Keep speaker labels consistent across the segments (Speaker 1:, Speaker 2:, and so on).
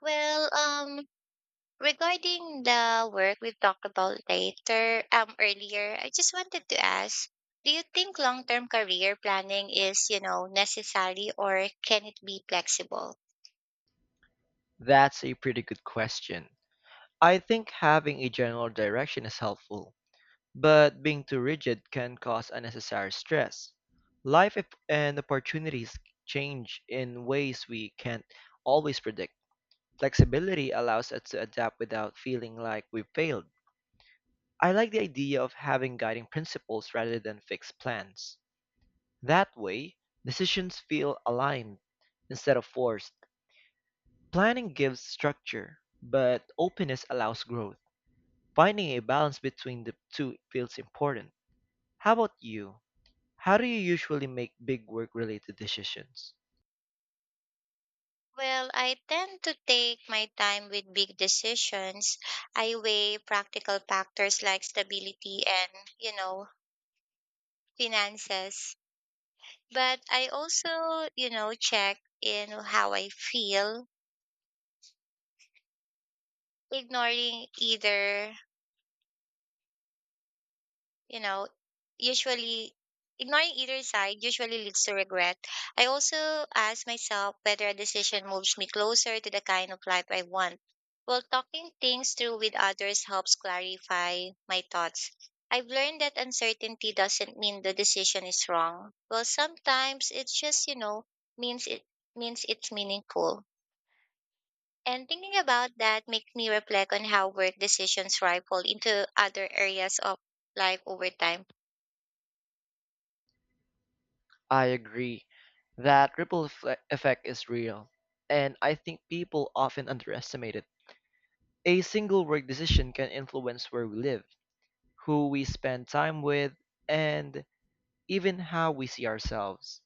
Speaker 1: Well, um, Regarding the work we've talked about later, earlier, I just wanted to ask, do you think long-term career planning is, necessary or can it be flexible?
Speaker 2: That's a pretty good question. I think having a general direction is helpful, but being too rigid can cause unnecessary stress. And opportunities change in ways we can't always predict. Flexibility allows us to adapt without feeling like we've failed. I like the idea of having guiding principles rather than fixed plans. That way, decisions feel aligned instead of forced. Planning gives structure, but openness allows growth. Finding a balance between the two feels important. How about you? How do you usually make big work related decisions?
Speaker 1: Well, I tend to take my time with big decisions. I weigh practical factors like stability and, you know, finances. But I also, check in how I feel, ignoring either you know, usually ignoring either side usually leads to regret. I also ask myself whether a decision moves me closer to the kind of life I want. While talking things through with others helps clarify my thoughts. I've learned that uncertainty doesn't mean the decision is wrong. Well, sometimes it just, means it means it's meaningful. And thinking about that makes me reflect on how work decisions ripple into other areas of life over time.
Speaker 2: I agree. That ripple effect is real, and I think people often underestimate it. A single work decision can influence where we live, who we spend time with, and even how we see ourselves.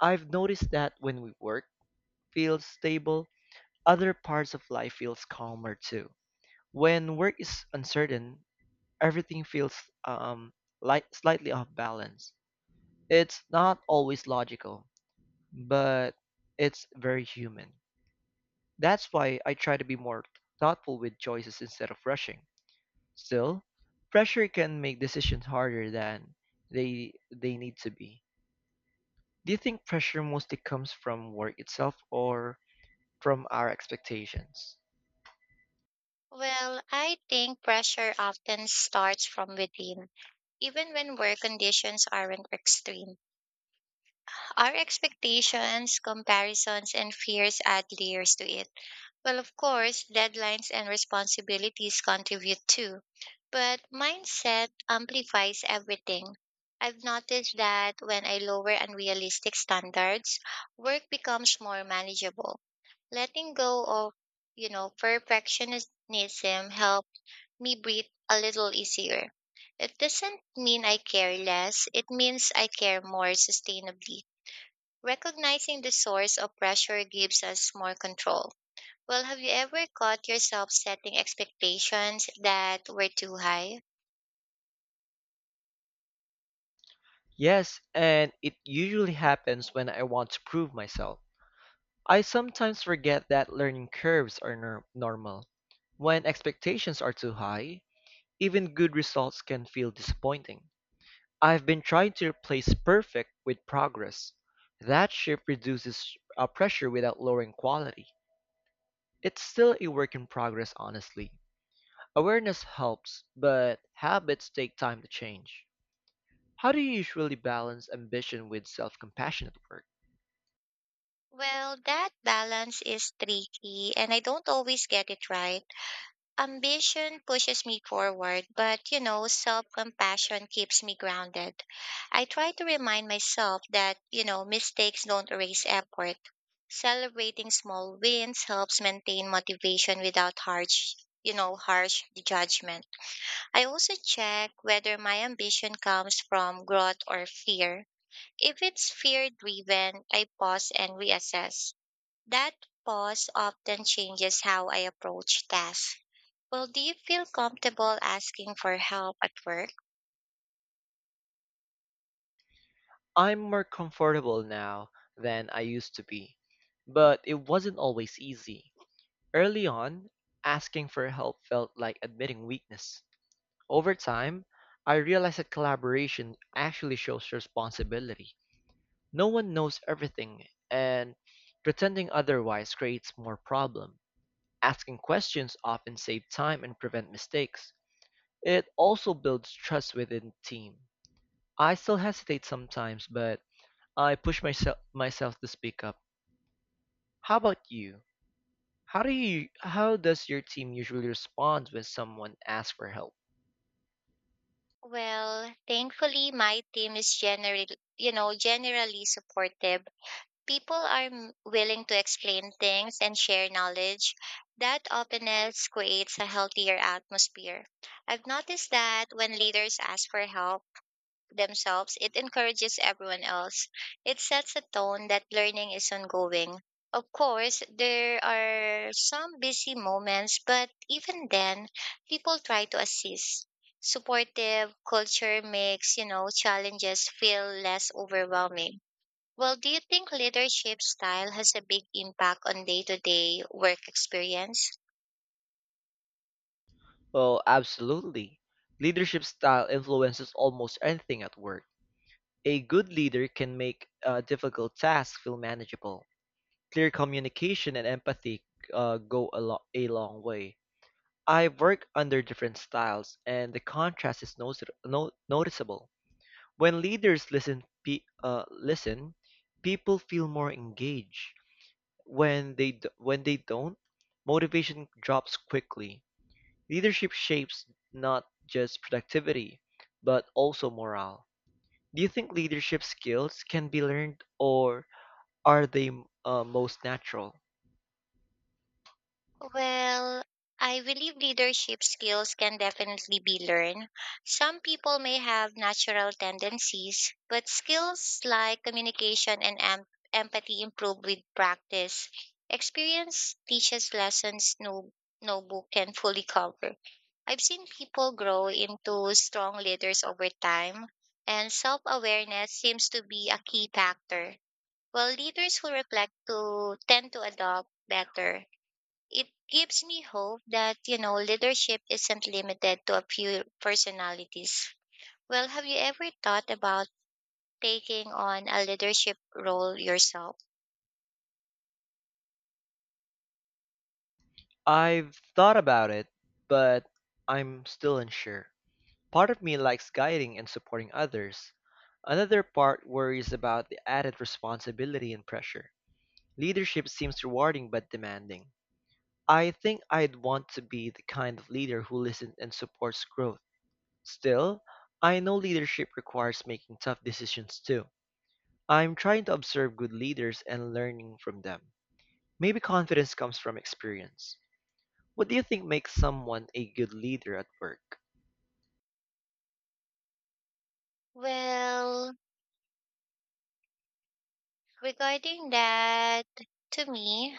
Speaker 2: I've noticed that when we work feels stable, other parts of life feels calmer too. When work is uncertain, everything feels um, light, slightly off balance. It's not always logical, but it's very human. That's why I try to be more thoughtful with choices instead of rushing. Still, pressure can make decisions harder than they need to be. Do you think pressure mostly comes from work itself or from our expectations?
Speaker 1: Well, I think pressure often starts from within, even when work conditions aren't extreme. Our expectations, comparisons, and fears add layers to it. Well, of course, deadlines and responsibilities contribute too, but mindset amplifies everything. I've noticed that when I lower unrealistic standards, work becomes more manageable. Letting go of, perfectionism helps me breathe a little easier. It doesn't mean I care less, it means I care more sustainably. Recognizing the source of pressure gives us more control. Well, have you ever caught yourself setting expectations that were too high?
Speaker 2: Yes, and it usually happens when I want to prove myself. I sometimes forget that learning curves are normal. When expectations are too high, even good results can feel disappointing. I've been trying to replace perfect with progress. That shift reduces pressure without lowering quality. It's still a work in progress, honestly. Awareness helps, but habits take time to change. How do you usually balance ambition with self compassionate work?
Speaker 1: Well, that balance is tricky and I don't always get it right. Ambition pushes me forward, but self compassion keeps me grounded. I try to remind myself that, mistakes don't erase effort. Celebrating small wins helps maintain motivation without harsh judgment. I also check whether my ambition comes from growth or fear. If it's fear driven, I pause and reassess. That pause often changes how I approach tasks. Well, do you feel comfortable asking for help at work?
Speaker 2: I'm more comfortable now than I used to be, but it wasn't always easy. Early on, asking for help felt like admitting weakness. Over time, I realized that collaboration actually shows responsibility. No one knows everything, and pretending otherwise creates more problem. Asking questions often save time and prevent mistakes. It also builds trust within the team. I still hesitate sometimes, but I push myself to speak up. How about you? How does your team usually respond when someone asks for help?
Speaker 1: Well, thankfully, my team is generally supportive. People are willing to explain things and share knowledge. That openness creates a healthier atmosphere. I've noticed that when leaders ask for help, themselves, it encourages everyone else. It sets a tone that learning is ongoing. Of course, there are some busy moments, but even then, people try to assist. Supportive culture makes, challenges feel less overwhelming. Well, do you think leadership style has a big impact on day-to-day work experience?
Speaker 2: Well, absolutely. Leadership style influences almost anything at work. A good leader can make difficult tasks feel manageable. Clear communication and empathy go a long way. I work under different styles, and the contrast is noticeable. When leaders listen, people feel more engaged. When they don't, motivation drops quickly. Leadership shapes not just productivity, but also morale. Do you think leadership skills can be learned, or are they most natural?
Speaker 1: Well, I believe leadership skills can definitely be learned. Some people may have natural tendencies, but skills like communication and empathy improve with practice. Experience teaches lessons no book can fully cover. I've seen people grow into strong leaders over time, and self awareness seems to be a key factor. Well, leaders who reflect to tend to adopt better. It gives me hope that leadership isn't limited to a few personalities. Well, have you ever thought about taking on a leadership role yourself?
Speaker 2: I've thought about it, but I'm still unsure. Part of me likes guiding and supporting others. Another part worries about the added responsibility and pressure. Leadership seems rewarding but demanding. I think I'd want to be the kind of leader who listens and supports growth. Still, I know leadership requires making tough decisions too. I'm trying to observe good leaders and learning from them. Maybe confidence comes from experience. What do you think makes someone a good leader at work?
Speaker 1: Well, regarding that, to me,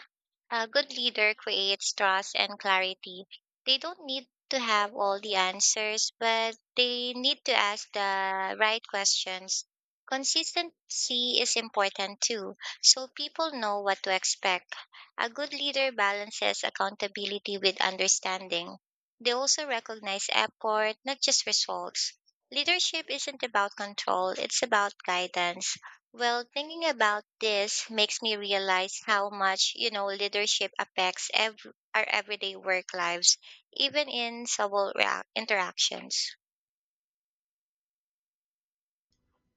Speaker 1: a good leader creates trust and clarity. They don't need to have all the answers, but they need to ask the right questions. Consistency is important too, so people know what to expect. A good leader balances accountability with understanding. They also recognize effort, not just results. Leadership isn't about control, it's about guidance. Well, thinking about this makes me realize how much, leadership affects our everyday work lives, even in interactions.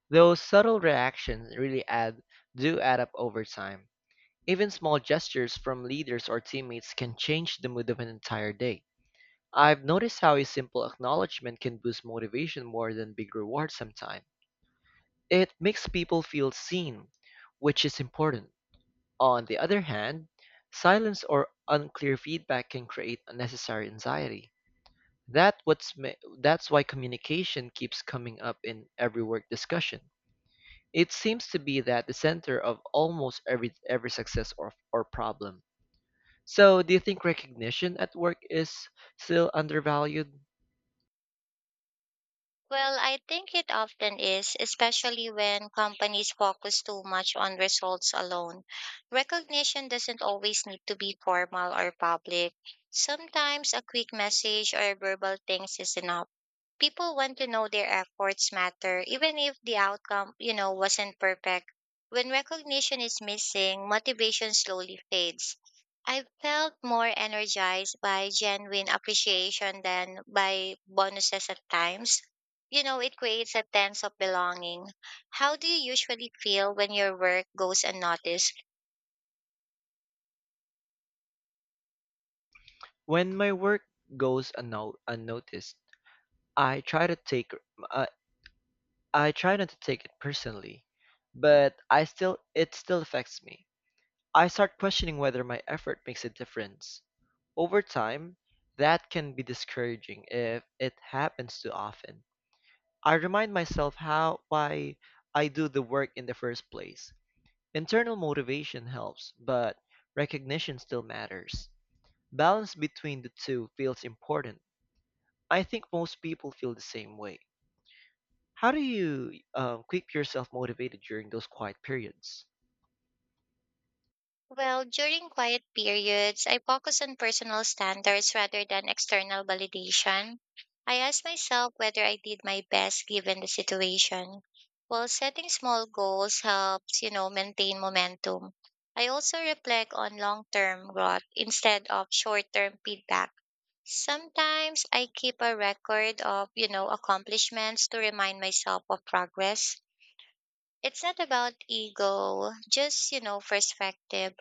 Speaker 2: Those subtle reactions really add do add up over time. Even small gestures from leaders or teammates can change the mood of an entire day. I've noticed how a simple acknowledgement can boost motivation more than big rewards sometimes. It makes people feel seen, which is important. On the other hand, silence or unclear feedback can create unnecessary anxiety. That's why communication keeps coming up in every work discussion. It seems to be that the center of almost every success or problem. So, do you think recognition at work is still undervalued?
Speaker 1: Well, I think it often is, especially when companies focus too much on results alone. Recognition doesn't always need to be formal or public. Sometimes a quick message or verbal things is enough. People want to know their efforts matter, even if the outcome wasn't perfect. When recognition is missing, motivation slowly fades. I felt more energized by genuine appreciation than by bonuses at times. You know, it creates a sense of belonging. How do you usually feel when your work goes unnoticed?
Speaker 2: When my work goes unnoticed, I try to take uh, I try not to take it personally, but I still it still affects me. I start questioning whether my effort makes a difference. Over time, that can be discouraging if it happens too often. I remind myself how why I do the work in the first place. Internal motivation helps, but recognition still matters. Balance between the two feels important. I think most people feel the same way. How do you keep yourself motivated during those quiet periods?
Speaker 1: Well, during quiet periods, I focus on personal standards rather than external validation. I ask myself whether I did my best given the situation. While setting small goals helps, maintain momentum. I also reflect on long-term growth instead of short-term feedback. Sometimes I keep a record of, accomplishments to remind myself of progress. It's not about ego, just, perspective.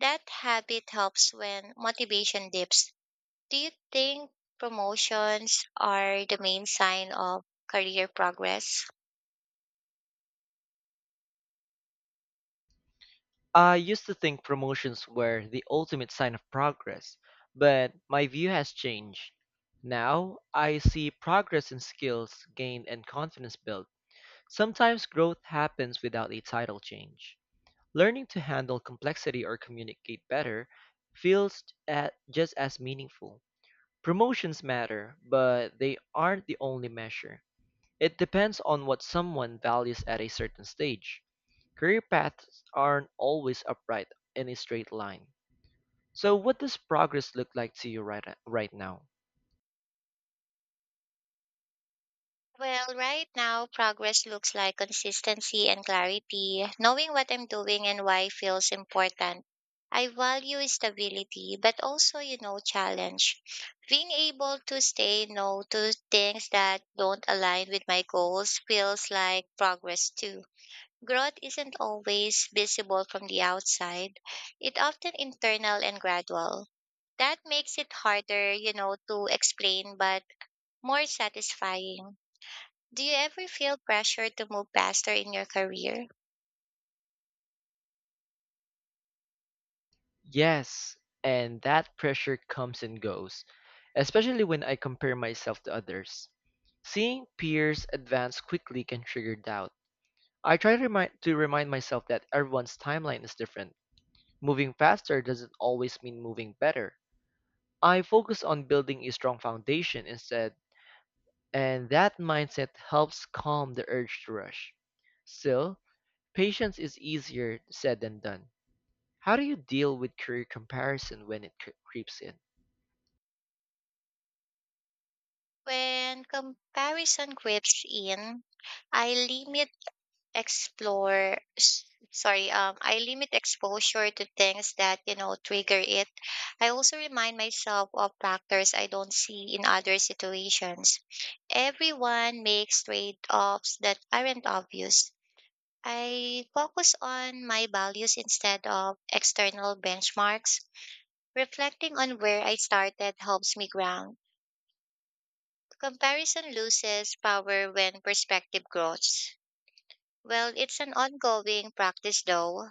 Speaker 1: That habit helps when motivation dips. Do you think promotions are the main sign of career progress?
Speaker 2: I used to think promotions were the ultimate sign of progress, but my view has changed. Now, I see progress in skills gained and confidence built. Sometimes growth happens without a title change. Learning to handle complexity or communicate better feels at just as meaningful. Promotions matter, but they aren't the only measure. It depends on what someone values at a certain stage. Career paths aren't always upright in a straight line. So, what does progress look like to you right now?
Speaker 1: Well, right now, progress looks like consistency and clarity. Knowing what I'm doing and why feels important. I value stability, but also, challenge. Being able to say no to things that don't align with my goals feels like progress too. Growth isn't always visible from the outside. It's often internal and gradual. That makes it harder, to explain, but more satisfying. Do you ever feel pressure to move faster in your career?
Speaker 2: Yes, and that pressure comes and goes, especially when I compare myself to others. Seeing peers advance quickly can trigger doubt. I try to remind myself that everyone's timeline is different. Moving faster doesn't always mean moving better. I focus on building a strong foundation instead, and that mindset helps calm the urge to rush. Still, patience is easier said than done. How do you deal with career comparison when it creeps in?
Speaker 1: When comparison grips in, I explore, s- sorry, I limit exposure to things that, trigger it. I also remind myself of factors I don't see in other situations. Everyone makes trade offs that aren't obvious. I focus on my values instead of external benchmarks. Reflecting on where I started helps me ground. Comparison loses power when perspective grows. Well, it's an ongoing practice though.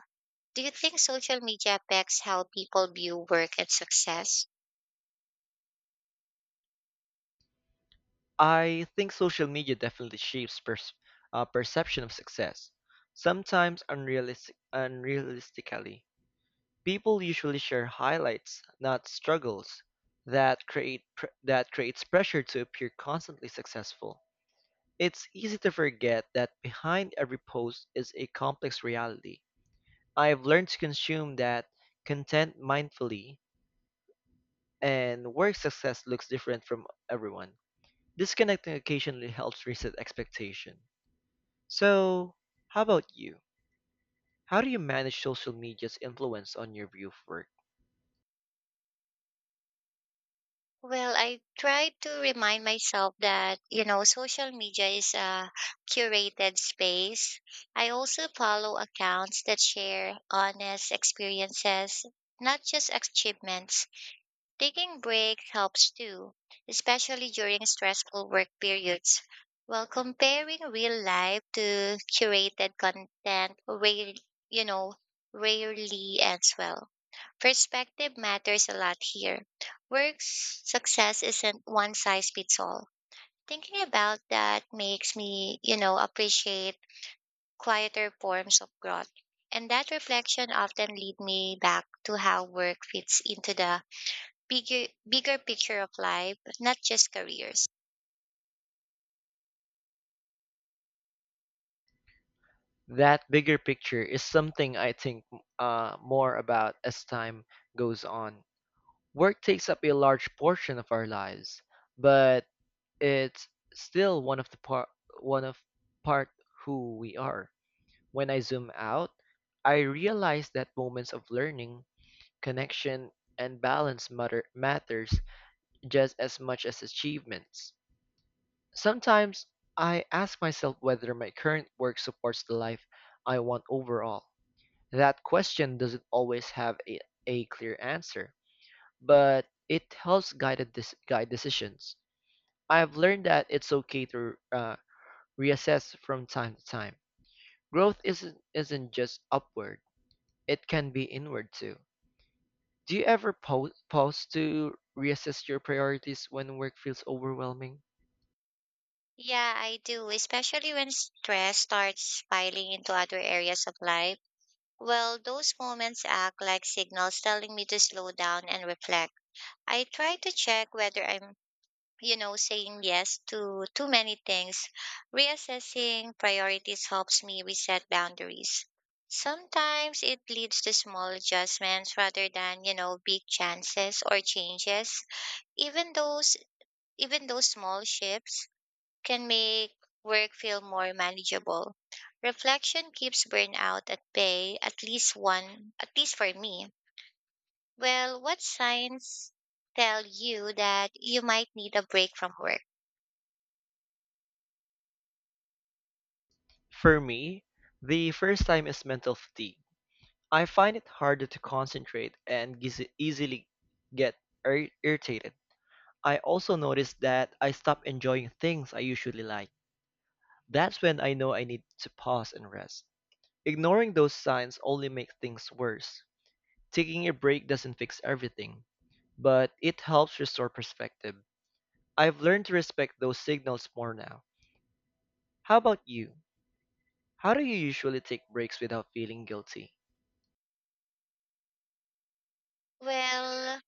Speaker 1: Do you think social media affects how people view work and success?
Speaker 2: I think social media definitely shapes perception of success, sometimes unrealistically. People usually share highlights, not struggles. That creates pressure to appear constantly successful. It's easy to forget that behind every post is a complex reality. I've learned to consume that content mindfully, and work success looks different from everyone. Disconnecting occasionally helps reset expectation. So, how about you? How do you manage social media's influence on your view of work?
Speaker 1: Well, I try to remind myself that, social media is a curated space. I also follow accounts that share honest experiences, not just achievements. Taking breaks helps too, especially during stressful work periods. While comparing real life to curated content, you know, rarely ends well. Perspective matters a lot here. Work success isn't one size fits all. Thinking about that makes me, appreciate quieter forms of growth. And that reflection often lead me back to how work fits into the bigger picture of life, not just careers.
Speaker 2: That bigger picture is something I think more about as time goes on. Work takes up a large portion of our lives, but it's still one of the part one of part who we are. When I zoom out, I realize that moments of learning, connection, and balance matter matters just as much as achievements. Sometimes I ask myself whether my current work supports the life I want overall. That question doesn't always have a clear answer, but it helps guide decisions. I've learned that it's okay to reassess from time to time. Growth isn't just upward. It can be inward too. Do you ever pause to reassess your priorities when work feels overwhelming?
Speaker 1: Yeah, I do, especially when stress starts piling into other areas of life. Well, those moments act like signals telling me to slow down and reflect. I try to check whether I'm, saying yes to too many things. Reassessing priorities helps me reset boundaries. Sometimes it leads to small adjustments rather than, big chances or changes. Even those Even those small shifts can make work feel more manageable. Reflection keeps burnout at bay, at least for me. Well, what signs tell you that you might need a break from work?
Speaker 2: For me, the first time is mental fatigue. I find it harder to concentrate and easily get irritated. I also notice that I stop enjoying things I usually like. That's when I know I need to pause and rest. Ignoring those signs only makes things worse. Taking a break doesn't fix everything, but it helps restore perspective. I've learned to respect those signals more now. How about you? How do you usually take breaks without feeling guilty?
Speaker 1: Well,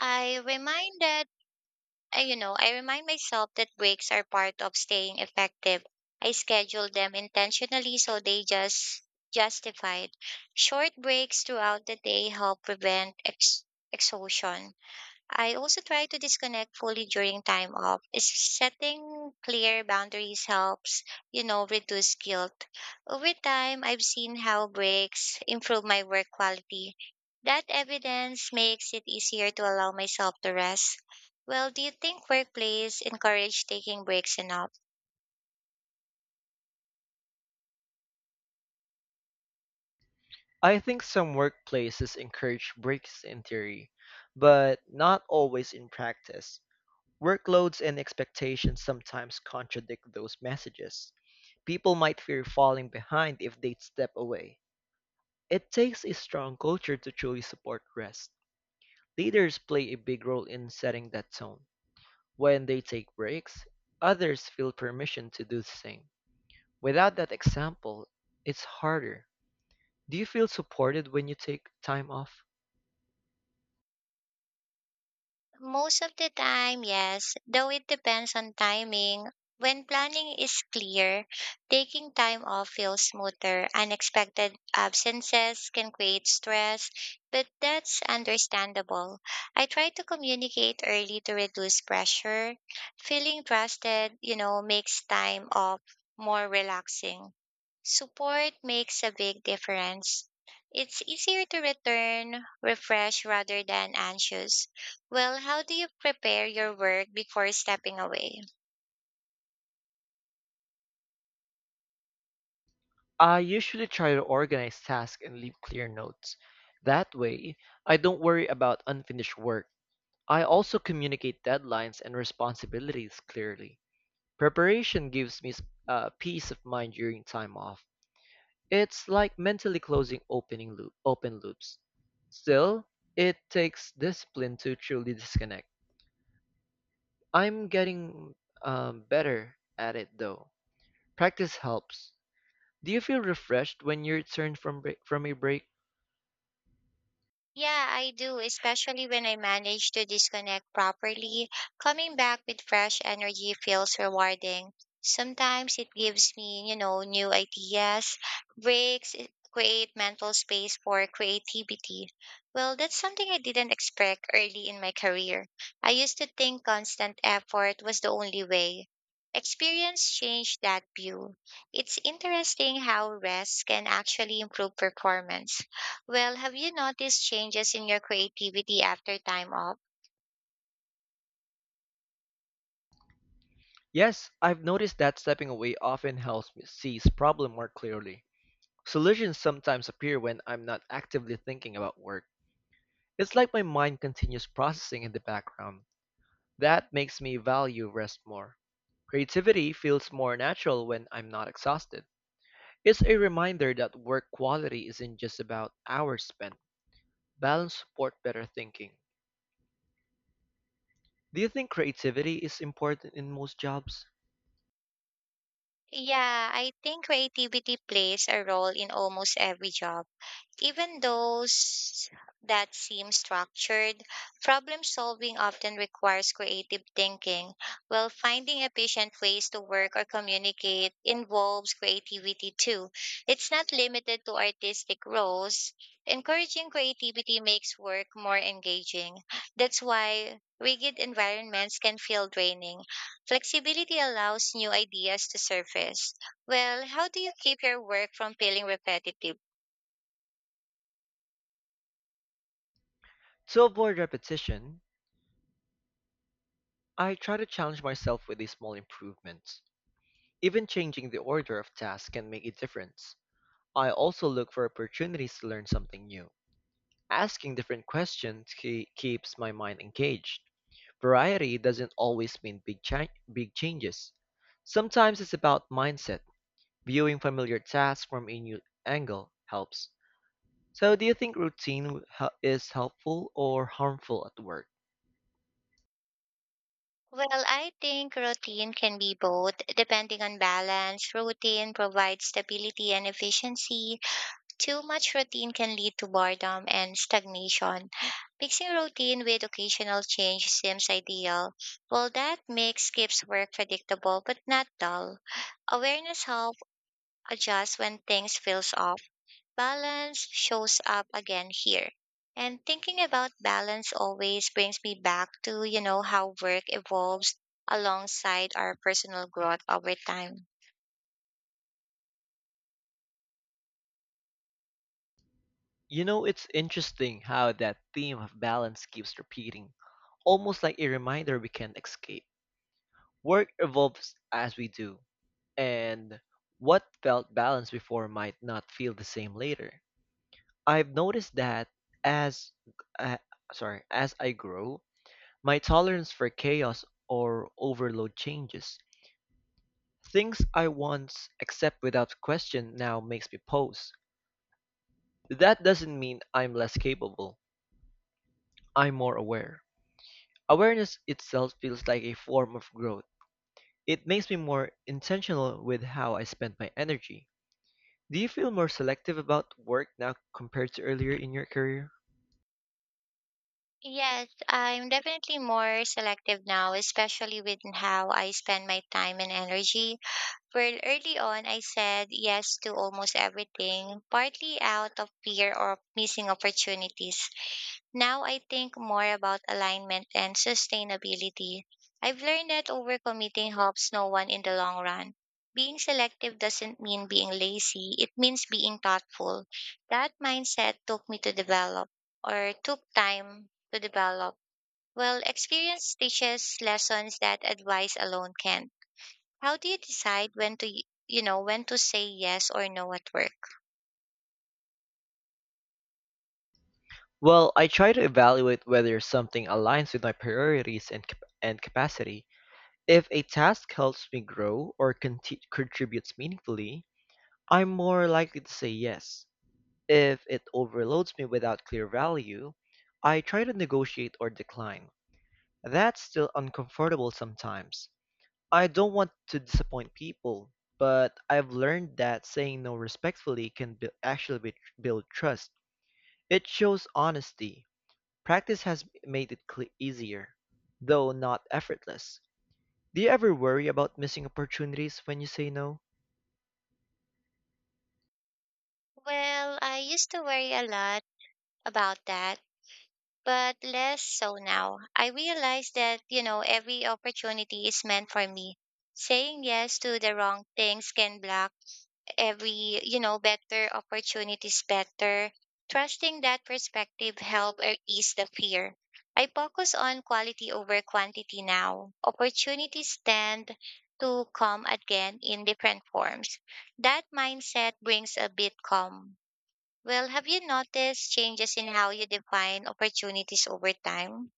Speaker 1: I reminded, I remind myself that breaks are part of staying effective. I schedule them intentionally so they just justified. Short breaks throughout the day help prevent exhaustion. I also try to disconnect fully during time off. Is Setting clear boundaries helps, reduce guilt. Over time, I've seen how breaks improve my work quality. That evidence makes it easier to allow myself to rest. Well, do you think workplace encourage taking breaks enough?
Speaker 2: I think some workplaces encourage breaks in theory, but not always in practice. Workloads and expectations sometimes contradict those messages. People might fear falling behind if they step away. It takes a strong culture to truly support rest. Leaders play a big role in setting that tone. When they take breaks, others feel permission to do the same. Without that example, it's harder. Do you feel supported when you take time off?
Speaker 1: Most of the time, yes, though it depends on timing. When planning is clear, taking time off feels smoother. Unexpected absences can create stress, but that's understandable. I try to communicate early to reduce pressure. Feeling trusted, makes time off more relaxing. Support makes a big difference. It's easier to return refreshed rather than anxious. Well, how do you prepare your work before stepping away?
Speaker 2: I usually try to organize tasks and leave clear notes. That way, I don't worry about unfinished work. I also communicate deadlines and responsibilities clearly. Preparation gives me peace of mind during time off. It's like mentally closing open loops. Still, it takes discipline to truly disconnect. I'm getting better at it though. Practice helps. Do you feel refreshed when you return from a break?
Speaker 1: Yeah, I do, especially when I manage to disconnect properly. Coming back with fresh energy feels rewarding. Sometimes it gives me, new ideas. Breaks it create mental space for creativity. Well, that's something I didn't expect early in my career. I used to think constant effort was the only way. Experience changed that view. It's interesting how rest can actually improve performance. Well, have you noticed changes in your creativity after time off?
Speaker 2: Yes, I've noticed that stepping away often helps me see the problem more clearly. Solutions sometimes appear when I'm not actively thinking about work. It's like my mind continues processing in the background. That makes me value rest more. Creativity feels more natural when I'm not exhausted. It's a reminder that work quality isn't just about hours spent. Balance support better thinking. Do you think creativity is important in most jobs?
Speaker 1: Yeah, I think creativity plays a role in almost every job. Even those that seem structured, problem solving often requires creative thinking, while finding efficient ways to work or communicate involves creativity too. It's not limited to artistic roles. Encouraging creativity makes work more engaging. That's why rigid environments can feel draining. Flexibility allows new ideas to surface. Well, how do you keep your work from feeling repetitive?
Speaker 2: To avoid repetition, I try to challenge myself with these small improvements. Even changing the order of tasks can make a difference. I also look for opportunities to learn something new. Asking different questions keeps my mind engaged. Variety doesn't always mean big changes. Sometimes it's about mindset. Viewing familiar tasks from a new angle helps. So, do you think routine is helpful or harmful at work?
Speaker 1: Well, I think routine can be both, depending on balance. Routine provides stability and efficiency. Too much routine can lead to boredom and stagnation. Mixing routine with occasional change seems ideal. Well, that mix keeps work predictable but not dull. Awareness helps adjust when things feels off. Balance shows up again here. And thinking about balance always brings me back to, how work evolves alongside our personal growth over time.
Speaker 2: You know, it's interesting how that theme of balance keeps repeating, almost like a reminder we can't escape. Work evolves as we do, and what felt balanced before might not feel the same later. I've noticed that as uh, as I grow, my tolerance for chaos or overload changes. Things I once accept without question now makes me pause. That doesn't mean I'm less capable. I'm more aware. Awareness itself feels like a form of growth. It makes me more intentional with how I spend my energy. Do you feel more selective about work now compared to earlier in your career?
Speaker 1: Yes, I'm definitely more selective now, especially with how I spend my time and energy. Well, early on, I said yes to almost everything, partly out of fear of missing opportunities. Now I think more about alignment and sustainability. I've learned that overcommitting helps no one in the long run. Being selective doesn't mean being lazy, it means being thoughtful. That mindset took me to develop, or took time to develop. Well, experience teaches lessons that advice alone can't. How do you decide when to, when to say yes or no at work?
Speaker 2: Well, I try to evaluate whether something aligns with my priorities and and capacity. If a task helps me grow or contributes meaningfully, I'm more likely to say yes. If it overloads me without clear value, I try to negotiate or decline. That's still uncomfortable sometimes. I don't want to disappoint people, but I've learned that saying no respectfully can actually build trust. It shows honesty. Practice has made it cle easier, though not effortless. Do you ever worry about missing opportunities when you say no?
Speaker 1: Well, I used to worry a lot about that but less so now. I realize that, every opportunity is meant for me. Saying yes to the wrong things can block better opportunities better. Trusting that perspective help or ease the fear. I focus on quality over quantity now. Opportunities tend to come again in different forms. That mindset brings a bit calm. Well, have you noticed changes in how you define opportunities over time?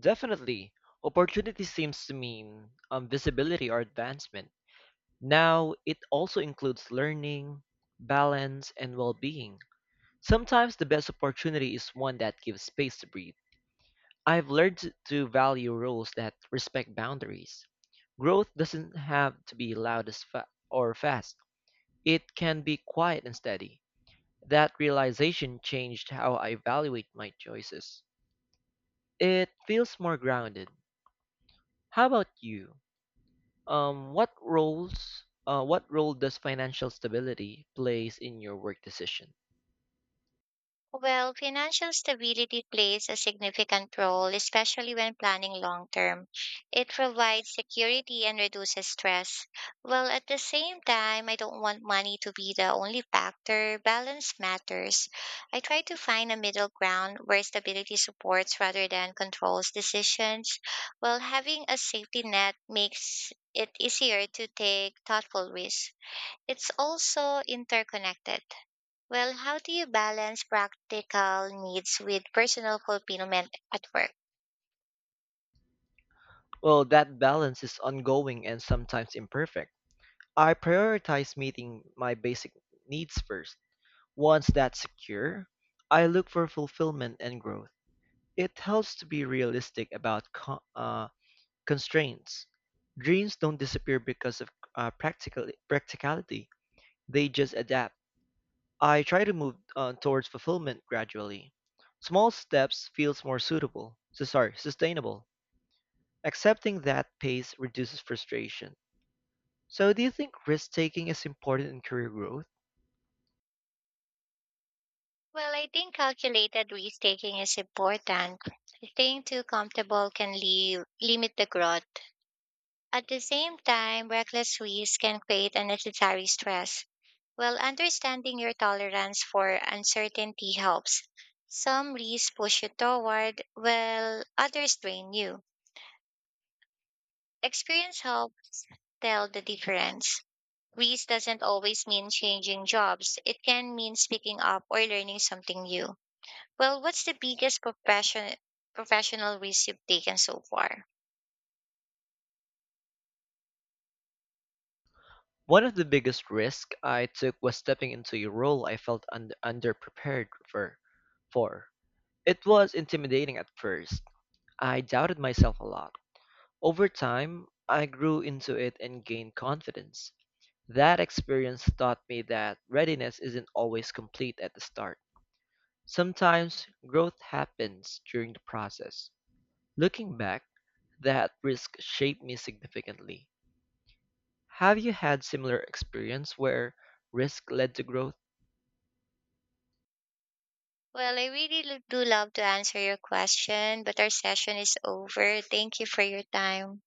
Speaker 2: Definitely. Opportunity seems to mean visibility or advancement. Now, it also includes learning, balance, and well being. Sometimes the best opportunity is one that gives space to breathe. I've learned to value rules that respect boundaries. Growth doesn't have to be loud or fast, it can be quiet and steady. That realization changed how I evaluate my choices. It feels more grounded. How about you? What role does financial stability plays in your work decision?
Speaker 1: Well, financial stability plays a significant role, especially when planning long term. It provides security and reduces stress. Well, at the same time, I don't want money to be the only factor. Balance matters. I try to find a middle ground where stability supports rather than controls decisions. Well, having a safety net makes it easier to take thoughtful risks. It's also interconnected. Well, how do you balance practical needs with personal fulfillment at work?
Speaker 2: Well, that balance is ongoing and sometimes imperfect. I prioritize meeting my basic needs first. Once that's secure, I look for fulfillment and growth. It helps to be realistic about constraints. Dreams don't disappear because of practicality. They just adapt. I try to move towards fulfillment gradually. Small steps feels more sustainable. Accepting that pace reduces frustration. So do you think risk taking is important in career growth?
Speaker 1: Well, I think calculated risk taking is important. Staying too comfortable can limit the growth. At the same time, reckless risk can create unnecessary stress. Well, understanding your tolerance for uncertainty helps. Some risks push you toward, while others drain you. Experience helps tell the difference. Greece doesn't always mean changing jobs. It can mean speaking up or learning something new. Well, what's the professional risk you've taken so far?
Speaker 2: One of the biggest risks I took was stepping into a role I felt underprepared for. It was intimidating at first. I doubted myself a lot. Over time, I grew into it and gained confidence. That experience taught me that readiness isn't always complete at the start. Sometimes growth happens during the process. Looking back, that risk shaped me significantly. Have you had similar experience where risk led to growth?
Speaker 1: Well, I really do love to answer your question, but our session is over. Thank you for your time.